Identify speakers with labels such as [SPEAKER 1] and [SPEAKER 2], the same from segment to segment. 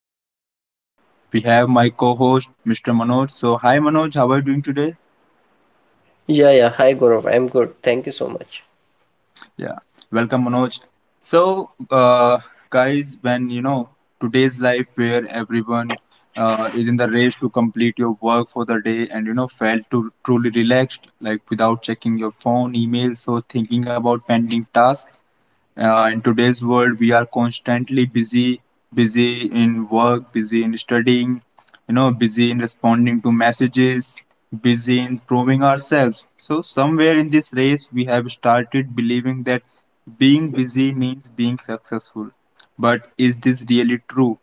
[SPEAKER 1] and we have my co-host Mr. Manoj. So, hi Manoj, how are you doing today?
[SPEAKER 2] Yeah, yeah. Hi, Gaurav. I'm good. Thank you so much.
[SPEAKER 1] Yeah, welcome Manoj. So, uh, Guys, when today's life where everyone is in the race to complete your work for the day and felt to truly relaxed, like without checking your phone, emails, or thinking about pending tasks. In today's world, we are constantly busy, busy in work, busy in studying, you know, busy in responding to messages, busy in proving ourselves. So, somewhere in this race, we have started believing that being busy means being successful. But is this really true?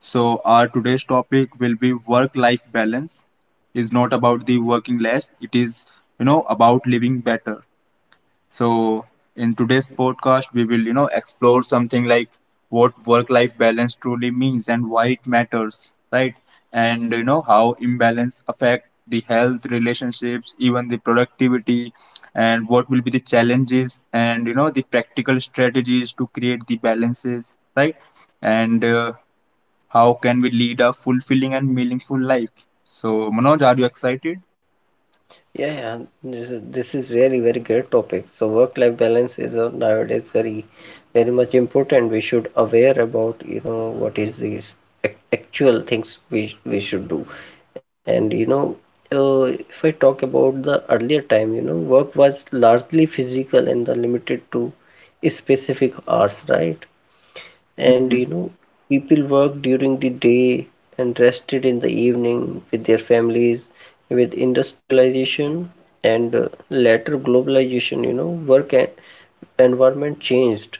[SPEAKER 1] So, our today's topic will be work life balance is not about the working less, it is, you know, about living better. So in today's podcast, we will explore something like what work-life balance truly means and why it matters, right? And you know how imbalance affect the health, relationships, even the productivity, and what will be the challenges and you know the practical strategies to create the balances, right? And How can we lead a fulfilling and meaningful life? So Manoj, are you excited?
[SPEAKER 2] Yeah, yeah. This is really very great topic. So work-life balance is nowadays very much important. We should aware about, you know, what is these actual things we should do. And you know, uh, if I talk about the earlier time, you know, work was largely physical and the limited to specific hours, right? And you know, people worked during the day and rested in the evening with their families. With industrialization and later globalization, you know, work and environment changed,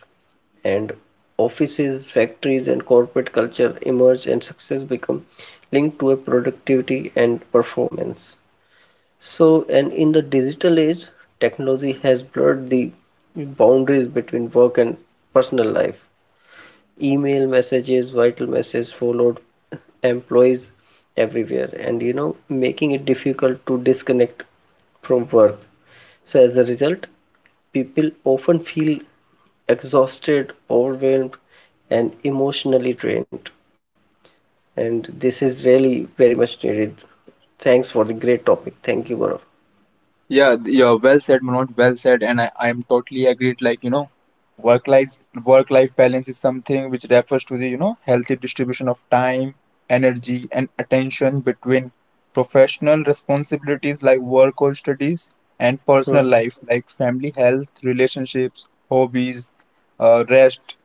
[SPEAKER 2] and offices, factories, and corporate culture emerged, and success become linked to a productivity and performance. So, and in the digital age, technology has blurred the boundaries between work and personal life, email messages, vital messages followed employees everywhere, and you know, making it difficult to disconnect from work. So, as a result, people often feel exhausted, overwhelmed, and emotionally drained. And this is really very much needed. Thanks for the great topic. Thank you, Gaurav.
[SPEAKER 1] Yeah, well said, Manoj. Well said, and I'm totally agreed. Like you know, work life work life balance is something which refers to the you know healthy distribution of time, energy, and attention between professional responsibilities like work or studies and personal
[SPEAKER 2] Hmm.
[SPEAKER 1] life like family, health, relationships, hobbies, rest.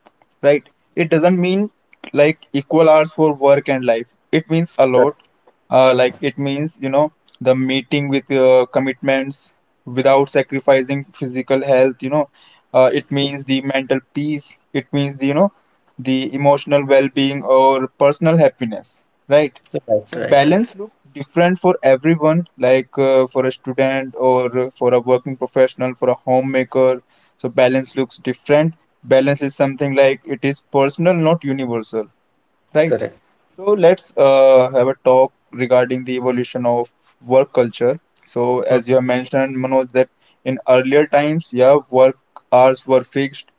[SPEAKER 1] Right? It doesn't mean like equal hours for work and life. It means a lot. Like it means you know the meeting with commitments without sacrificing physical health, you know, it means the mental peace, it means the, you know, the emotional well-being or personal happiness, right? So
[SPEAKER 2] Right, right,
[SPEAKER 1] balance
[SPEAKER 2] right.
[SPEAKER 1] looks different for everyone, like for a student or for a working professional, for a homemaker. So balance looks different. Balance is something like it is personal, not universal. Right. So let's have a talk regarding the evolution of work culture. So as you have mentioned, Manoj, that in earlier times, yeah, work hours were fixed,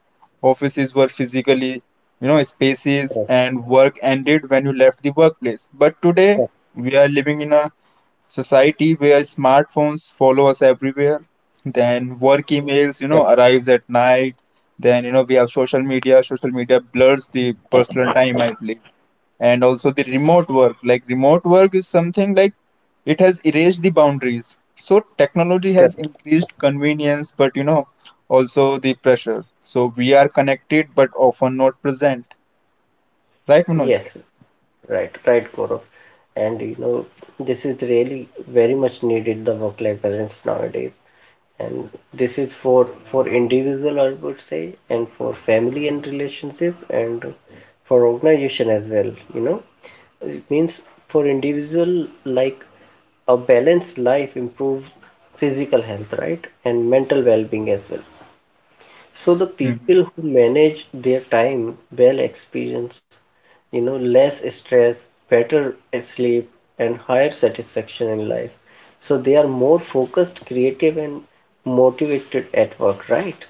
[SPEAKER 1] offices were physically, you know, spaces,
[SPEAKER 2] Correct,
[SPEAKER 1] and work ended when you left the workplace. But today, we are living in a society where smartphones follow us everywhere. Then work
[SPEAKER 2] correct.
[SPEAKER 1] emails, you know, arrives at night. Then you know we have social media. Social media blurs the personal time, I believe, and also the remote work, like remote work is something like it has erased the boundaries. So technology
[SPEAKER 2] Correct.
[SPEAKER 1] has increased convenience, but you know also the pressure. So we are connected but often not present, right, Manoj?
[SPEAKER 2] Yes. Right, right, Gaurav. And you know, this is really very much needed the work-life balance nowadays. And this is for individual, I would say, and for family and relationship, and for organization as well. You know, it means for individual, like a balanced life improves physical health, right, and mental well-being as well. So the
[SPEAKER 1] Mhm.
[SPEAKER 2] people who manage their time well experience, you know, less stress, better sleep, and higher satisfaction in life. So they are more focused, creative, and motivated at work, right?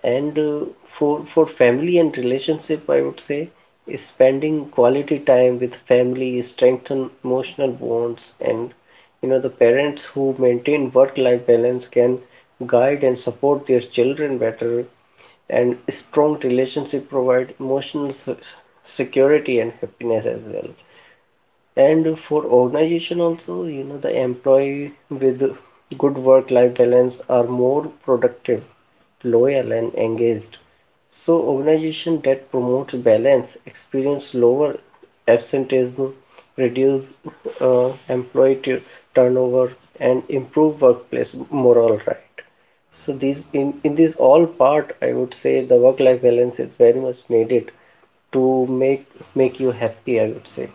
[SPEAKER 2] And for family and relationship, I would say spending quality time with family strengthen emotional bonds, and you know the parents who maintain work-life balance can guide and support their children better, and strong relationship provide emotional security and happiness as well. And for organization also, you know, the employee with good work-life balance are more productive, loyal, and engaged. So organization that promotes balance experience lower absenteeism, reduce employee turnover, and improve workplace morale, right? So these in this all part, I would say the work-life balance is very much needed to make you happy, I would say.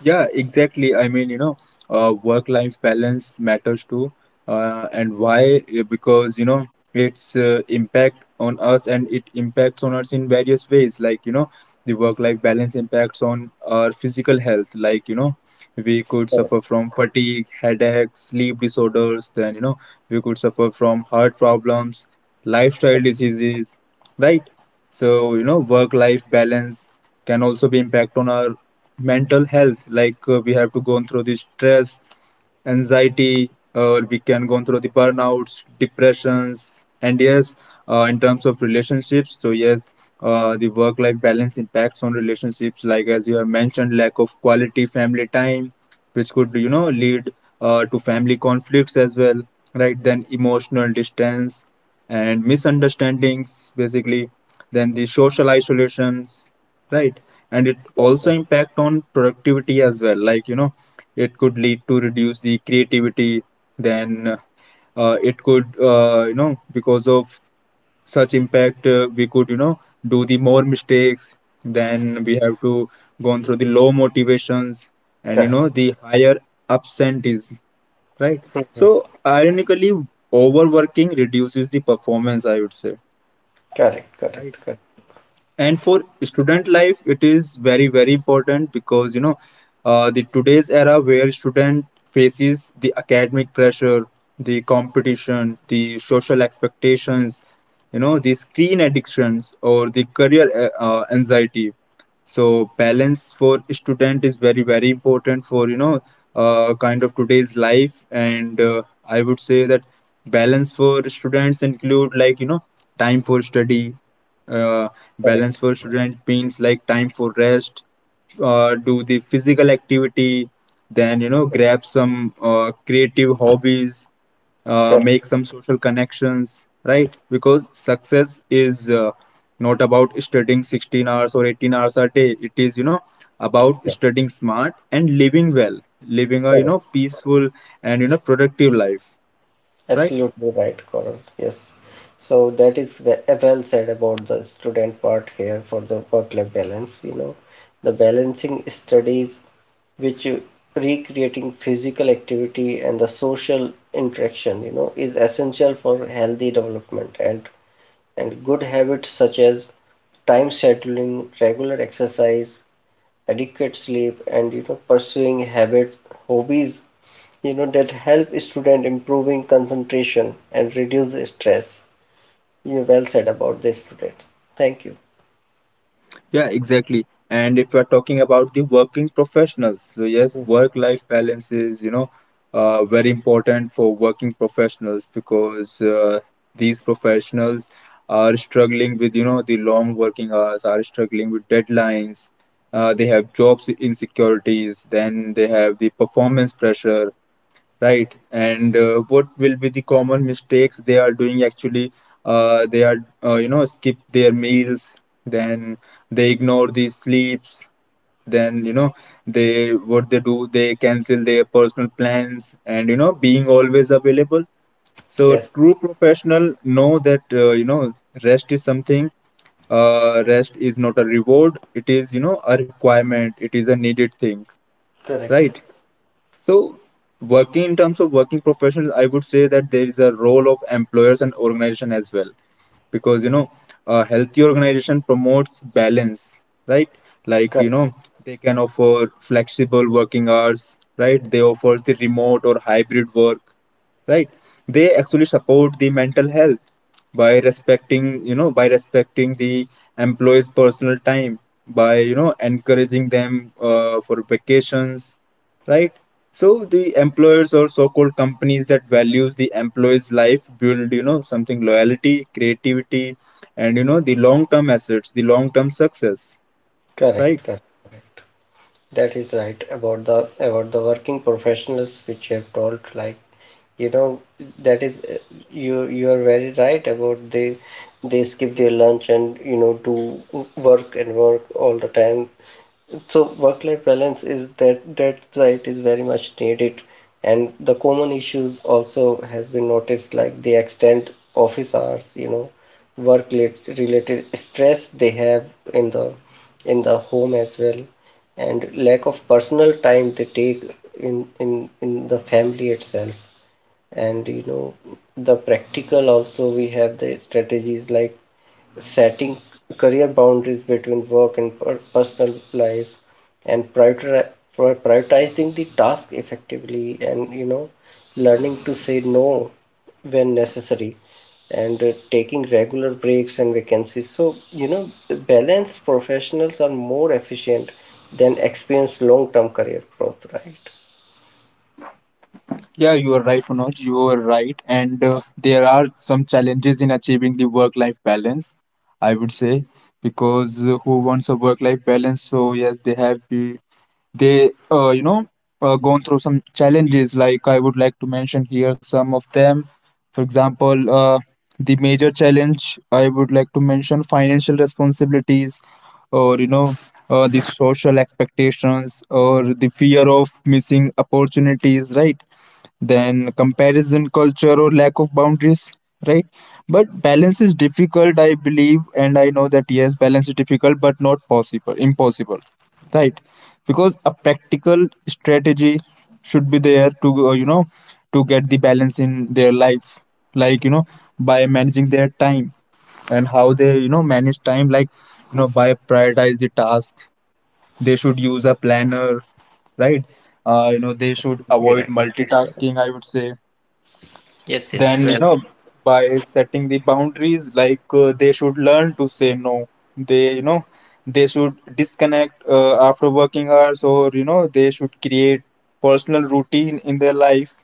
[SPEAKER 1] Yeah, exactly. I mean, you know, work-life balance matters too. And why? Because, you know, it's impact on us and it impacts on us in various ways. Like, you know, the work-life balance impacts on our physical health. Like, you know, we could suffer from fatigue, headaches, sleep disorders. Then, you know, we could suffer from heart problems, lifestyle diseases, right? So, you know, work-life balance can also be impact on our mental health, like we have to go through the stress, anxiety, or we can go through the burnouts, depressions. And yes, in terms of relationships, so yes, the work life balance impacts on relationships, like as you have mentioned, lack of quality family time which could you know lead to family conflicts as well, right? Then emotional distance and misunderstandings basically, then the social isolations, right? And it also impact on productivity as well, like you know it could lead to reduce the creativity, then it could you know, because of such impact, we could you know do the more mistakes, then we have to go on through the low motivations and you
[SPEAKER 2] Right.
[SPEAKER 1] know the higher absenteeism, right? So ironically, overworking reduces the performance, I would say.
[SPEAKER 2] Correct, correct, correct,
[SPEAKER 1] And for student life, it is very very important because you know the today's era where student faces the academic pressure, the competition, the social expectations, you know the screen addictions or the career anxiety. So balance for student is very very important for you know kind of today's life. And I would say that balance for students include like you know time for study, uh, balance
[SPEAKER 2] correct,
[SPEAKER 1] for student means like time for rest, do the physical activity, then you know grab some creative hobbies,
[SPEAKER 2] correct,
[SPEAKER 1] make some social connections, right? Because success is not about studying 16 hours or 18 hours a day. It is, you know, about studying smart and living well, living a, you
[SPEAKER 2] correct.
[SPEAKER 1] know, peaceful and, you know, productive life, right?
[SPEAKER 2] Absolutely right, Coral. Yes. So that is well said about the student part here for the work-life balance. You know, the balancing studies, which you- recreating physical activity and the social interaction, you know, is essential for healthy development and good habits such as time scheduling, regular exercise, adequate sleep, and you know, pursuing habit hobbies you know that help student improving concentration and reduce stress. You well said about this student. Thank you.
[SPEAKER 1] Yeah, exactly. And if you're talking about the working professionals, so yes,
[SPEAKER 2] Mm.
[SPEAKER 1] work-life balance is, you know, very important for working professionals because these professionals are struggling with, you know, the long working hours, are struggling with deadlines. They have jobs insecurities, then they have the performance pressure, right? And what will be the common mistakes they are doing actually? Uh, they are, you know, skip their meals, then they ignore the sleeps, then, you know, they what they do, they cancel their personal plans and, you know, being always available. So,
[SPEAKER 2] Yes.
[SPEAKER 1] true professional know that, you know, rest is something, rest is not a reward, it is, you know, a requirement, it is a needed thing,
[SPEAKER 2] Correct,
[SPEAKER 1] right? So, working in terms of working professionals, I would say that there is a role of employers and organization as well, because you know, a healthy organization promotes balance, right? Like you
[SPEAKER 2] correct,
[SPEAKER 1] know, they can offer flexible working hours, right? They offer the remote or hybrid work, right? They actually support the mental health by respecting, by respecting the employees personal time, by you know encouraging them for vacations, right? So the employers or so-called companies that values the employees life build you know something loyalty, creativity, and you know the long-term assets, the long-term success,
[SPEAKER 2] correct,
[SPEAKER 1] right?
[SPEAKER 2] correct. That is right about the working professionals which you have told like you know that is you are very right about they skip their lunch and you know do work and work all the time. So work-life balance is that that's why it is very much needed, and the common issues also has been noticed like the extent office hours, you know, related stress they have in the in the home as well, and lack of personal time they take in the family itself and you know the practical also we have the strategies like setting career boundaries between work and personal life and prioritizing the task effectively and you know learning to say no when necessary and taking regular breaks and vacancies, so you know the balanced professionals are more efficient than experienced long-term career growth, right.
[SPEAKER 1] Yeah, you are right, Manoj. You are right. And there are some challenges in achieving the work life balance, I would say, because who wants a work life balance? So, yes, they have be, they, you know, gone through some challenges. Like, I would like to mention here some of them. For example, the major challenge I would like to mention financial responsibilities, or you know the social expectations or the fear of missing opportunities, right? Then comparison culture or lack of boundaries, right? But balance is difficult, I believe, and I know that yes, balance is difficult but not possible, impossible, right? Because a practical strategy should be there to you know, to get the balance in their life, like you know, by managing their time. And how they you know manage time, like you know by prioritize the task, they should use a planner, right? You know, they should
[SPEAKER 2] You're
[SPEAKER 1] avoid
[SPEAKER 2] right. That's correct.
[SPEAKER 1] multitasking, I would say.
[SPEAKER 2] Yes, yes.
[SPEAKER 1] Then you
[SPEAKER 2] Well,
[SPEAKER 1] know by setting the boundaries, like they should learn to say no, they you know they should disconnect after working hours, or you know they should create personal routine in their life.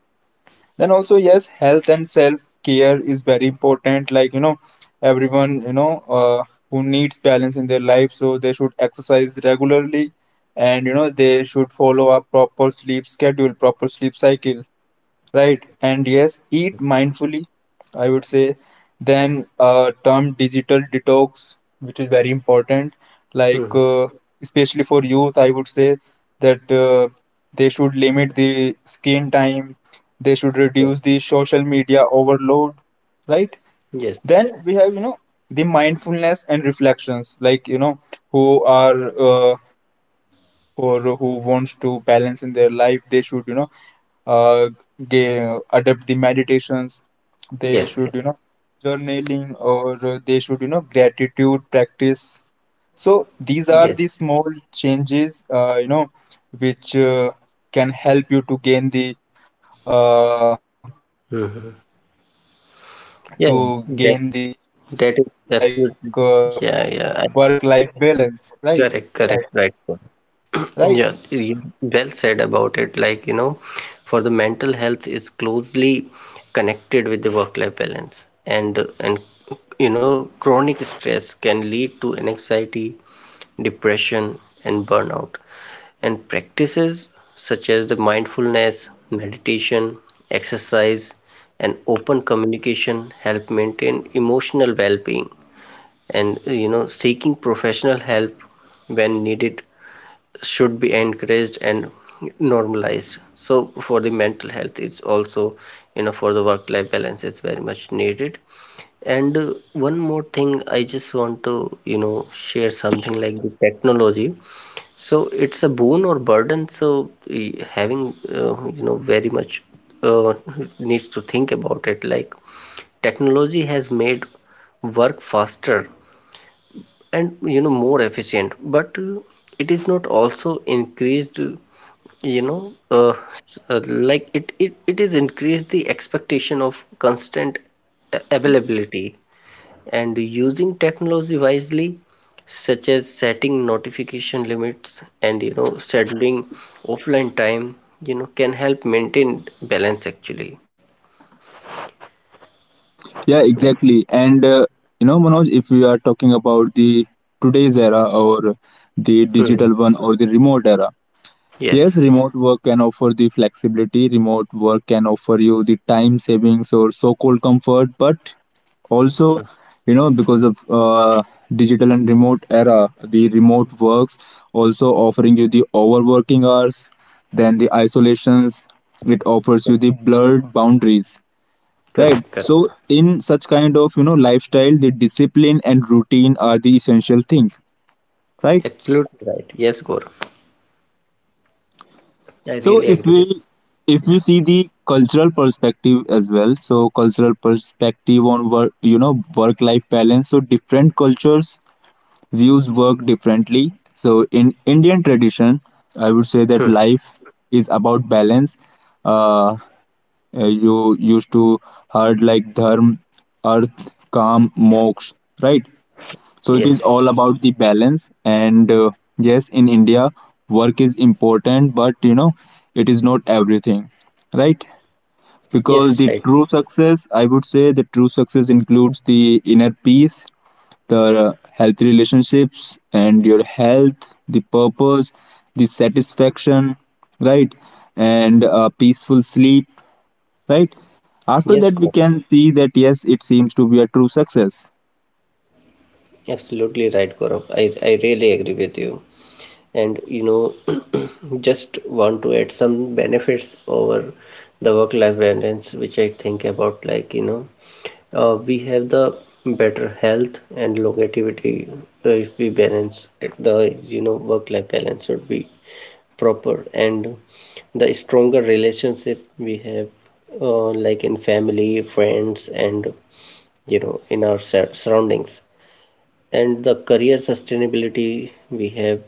[SPEAKER 1] Then also yes, health and self care is very important, like you know everyone you know who needs balance in their life, so they should exercise regularly, and you know they should follow up proper sleep schedule, proper sleep cycle, right? And yes, eat mindfully, I would say. Then term digital detox, which is very important, like
[SPEAKER 2] hmm.
[SPEAKER 1] especially for youth, I would say that they should limit the screen time, they should
[SPEAKER 2] Yes,
[SPEAKER 1] reduce the social media overload, right?
[SPEAKER 2] yes,
[SPEAKER 1] Then we have you know the mindfulness and reflections, like you know who are or who wants to balance in their life, they should you know uh, ga adapt the meditations, they
[SPEAKER 2] yes, yes.
[SPEAKER 1] should you know journaling, or they should you know gratitude practice. So these are
[SPEAKER 2] Yes.
[SPEAKER 1] the small changes, you know, which can help you to gain the uh, to
[SPEAKER 2] Mhm.
[SPEAKER 1] gain the, like
[SPEAKER 2] Yeah,
[SPEAKER 1] work life
[SPEAKER 2] that
[SPEAKER 1] balance, right?
[SPEAKER 2] that is
[SPEAKER 1] and
[SPEAKER 2] absolutely.
[SPEAKER 1] I would say
[SPEAKER 2] Yeah,
[SPEAKER 1] that
[SPEAKER 2] yeah.
[SPEAKER 1] small changes create big
[SPEAKER 2] Correct, correct, right.
[SPEAKER 1] impact,
[SPEAKER 2] Correct.
[SPEAKER 1] right?
[SPEAKER 2] Yeah, you well said about it. Like, you know, for the mental health is closely connected with the work-life balance, and you know, chronic stress can lead to anxiety, depression, and burnout. And practices such as the mindfulness, meditation, exercise, and open communication help maintain emotional well being. And you know, seeking professional help when needed should be encouraged and normalized. So, for the mental health, is also you know, for the work life balance, is very much needed. And one more thing, I just want to you know, share something like the technology, so it's a boon or burden. So having you know very much uh, needs to think about it. Like technology has made work faster and you know more efficient, but it is not also increased. You know, uh, s- uh, like it is increased the expectation of constant availability, and using technology wisely such as setting notification limits and you know scheduling offline time, you know, can help maintain balance actually,
[SPEAKER 1] Yeah,
[SPEAKER 2] right.
[SPEAKER 1] exactly. And you know, Manoj, if we are talking about the today's era or the
[SPEAKER 2] Hmm.
[SPEAKER 1] digital one or the remote era, yes,
[SPEAKER 2] Yes.
[SPEAKER 1] remote work can offer the flexibility. Remote work can offer you the time savings or so-called comfort, but also you know because of digital and remote era, the remote works also offering you the overworking hours, then the isolations, it offers you the blurred boundaries, right?
[SPEAKER 2] Correct, correct.
[SPEAKER 1] So in such kind of lifestyle, the discipline and routine are the essential thing, right?
[SPEAKER 2] Absolutely right, yes, Gaurav. I
[SPEAKER 1] So
[SPEAKER 2] really
[SPEAKER 1] if
[SPEAKER 2] agree
[SPEAKER 1] we
[SPEAKER 2] with
[SPEAKER 1] if
[SPEAKER 2] you.
[SPEAKER 1] we
[SPEAKER 2] Yeah.
[SPEAKER 1] see the cultural perspective as well, so cultural perspective on work, work life balance, so different cultures views work differently. So in Indian tradition, I would say
[SPEAKER 2] Hmm.
[SPEAKER 1] that life is about balance. uh, you used to heard like dharma, earth, calm, moksha, right? So it
[SPEAKER 2] Yes,
[SPEAKER 1] is all about the balance. And yes, in India, work is important, but it is not everything, right?
[SPEAKER 2] yes.
[SPEAKER 1] Because
[SPEAKER 2] Right,
[SPEAKER 1] the true success, I would say, the true success includes the inner peace, the healthy relationships, and your health, the purpose, the satisfaction, right? And peaceful sleep, right? After
[SPEAKER 2] yes,
[SPEAKER 1] that, we
[SPEAKER 2] Gaurav.
[SPEAKER 1] can see that yes, it seems to be a true success.
[SPEAKER 2] Absolutely right, Gaurav. I really agree with you. And you know, just want to add some benefits over the work life balance which I think about like you know, we have the better health and longevity. If we balance it, the you know work life balance should be proper, and the stronger relationship we have, like in family, friends, and you know in our surroundings, and the career sustainability we have,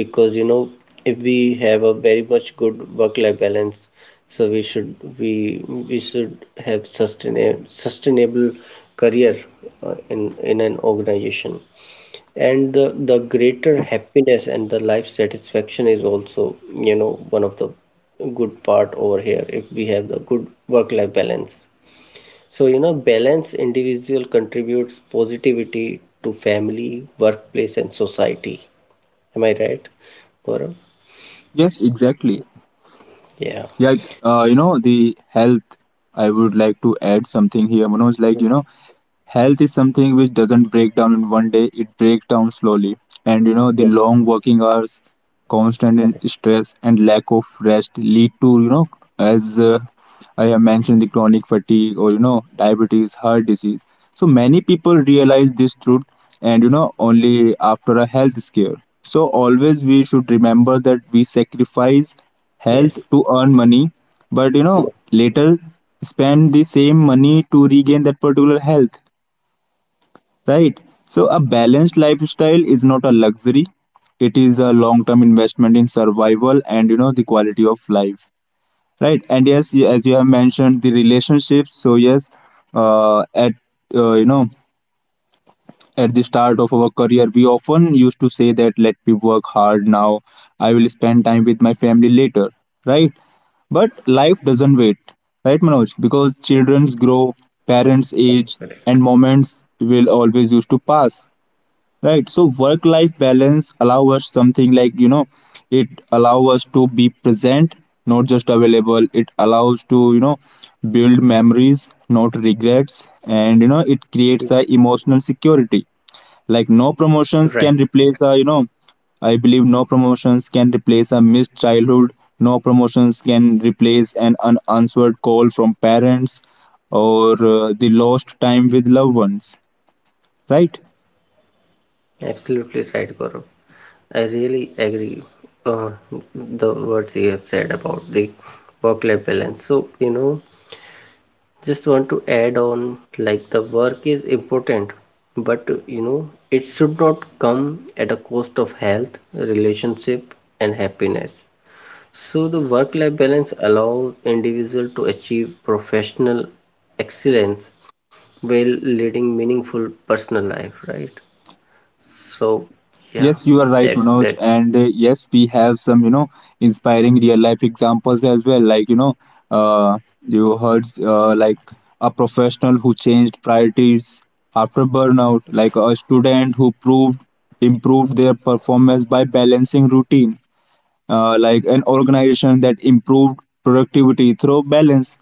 [SPEAKER 2] because you know if we have a very much good work life balance, so we should have sustainable career in an organization, and the greater happiness and the life satisfaction is also you know one of the good part over here if we have the good work life balance. So, you know, balanced individual contributes positivity to family, workplace, and society. Am I right, Gaurav?
[SPEAKER 1] Yes, exactly.
[SPEAKER 2] Yeah.
[SPEAKER 1] Yeah, the health, I would like to add something here, Manoj, like, health is something which doesn't break down in one day, it breaks down slowly. And the
[SPEAKER 2] Yeah.
[SPEAKER 1] long working hours, constant stress, and lack of rest lead to, you know, as I have mentioned, the chronic fatigue or, diabetes, heart disease. So many people realize this truth and, only after a health scare. So always we should remember that we sacrifice health
[SPEAKER 2] Yes.
[SPEAKER 1] to earn money, but,
[SPEAKER 2] Yeah.
[SPEAKER 1] later spend the same money to regain that particular health, right? So, a balanced lifestyle is not a luxury, it is a long term investment in survival and the quality of life, right? And yes, as you have mentioned, the relationships. So, yes, uh, at uh, you know, at the start of our career, we often used to say that let me work hard now, I will spend time with my family later, right? But life doesn't wait, right, Manoj? Because children grow, parents age, and moments will always used to pass, right? So work life balance allow us something like, it allow us to be present, not just available. It allows to, build memories, not regrets. And it
[SPEAKER 2] Yeah.
[SPEAKER 1] creates a emotional security, like no
[SPEAKER 2] Right.
[SPEAKER 1] promotions can replace a I believe no promotions can replace a missed childhood, no promotions can replace an unanswered call from parents or the lost time with loved ones, right?
[SPEAKER 2] Absolutely right, Gaurav. I really agree, uh, the words you have said about the work-life balance. So, you know, just want to add on like the work is important, but you know, it should not come at a cost of health, relationship, and happiness. So the work-life balance allows individual to achieve professional excellence while leading meaningful personal life, right? So yeah,
[SPEAKER 1] Yes, you are
[SPEAKER 2] that
[SPEAKER 1] right,
[SPEAKER 2] that
[SPEAKER 1] Manoj. And yes, we have some, inspiring real life examples as well. Like, uh, you heard like a professional who changed priorities after burnout, like a student who proved improved their performance by balancing routine, like an organization that improved productivity through balance.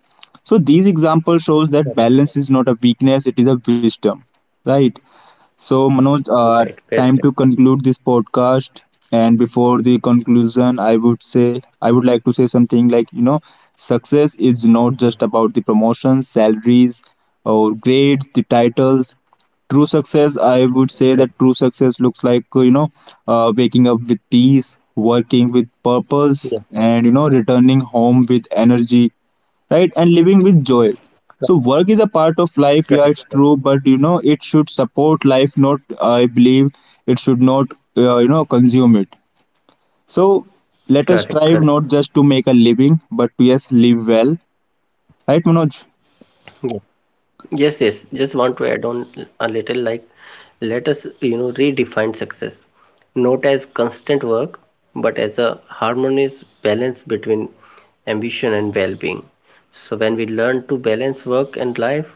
[SPEAKER 1] So these examples shows that balance is not a weakness; it is a wisdom, right? So, Manoj,
[SPEAKER 2] right, right, right.
[SPEAKER 1] time to conclude this podcast. And before the conclusion, I would say, I would like to say something like, success is not just about the promotions, salaries, or grades, the titles. True success, I would say that true success looks like, waking up with peace, working with
[SPEAKER 2] Yeah,
[SPEAKER 1] purpose, and, returning home with energy, right? And living with joy. So work is a part
[SPEAKER 2] correct,
[SPEAKER 1] of
[SPEAKER 2] correct,
[SPEAKER 1] life.
[SPEAKER 2] correct,
[SPEAKER 1] Yeah, it's true, but it should support life. Not, I believe it should not consume it. So
[SPEAKER 2] correct.
[SPEAKER 1] let us
[SPEAKER 2] Correct.
[SPEAKER 1] strive not just to make a living, but to yes live well, right, Manoj?
[SPEAKER 2] Yeah. Yes, yes. Just want to add on a little like let us, you know, redefine success not as constant work but as a harmonious balance between ambition and well-being. So when we learn to balance work and life,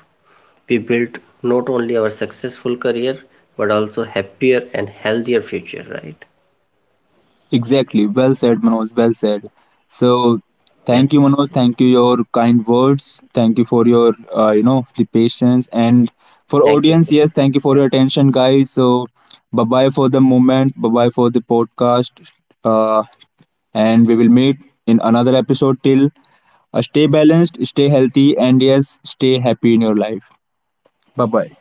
[SPEAKER 2] we build not only our successful career but also happier and healthier future, right?
[SPEAKER 1] Exactly. Well said, Manoj. Well said. So,
[SPEAKER 2] Yeah.
[SPEAKER 1] thank you, Manoj. Thank you your kind words. Thank you for your, the patience and
[SPEAKER 2] Thank you so
[SPEAKER 1] for
[SPEAKER 2] much.
[SPEAKER 1] audience.
[SPEAKER 2] Yeah.
[SPEAKER 1] Yes, thank you for your attention, guys. So, bye bye for the moment. Bye bye for the podcast. Uh, and we will meet in another episode. Till stay balanced, stay healthy, and yes, stay happy in your life. Bye bye.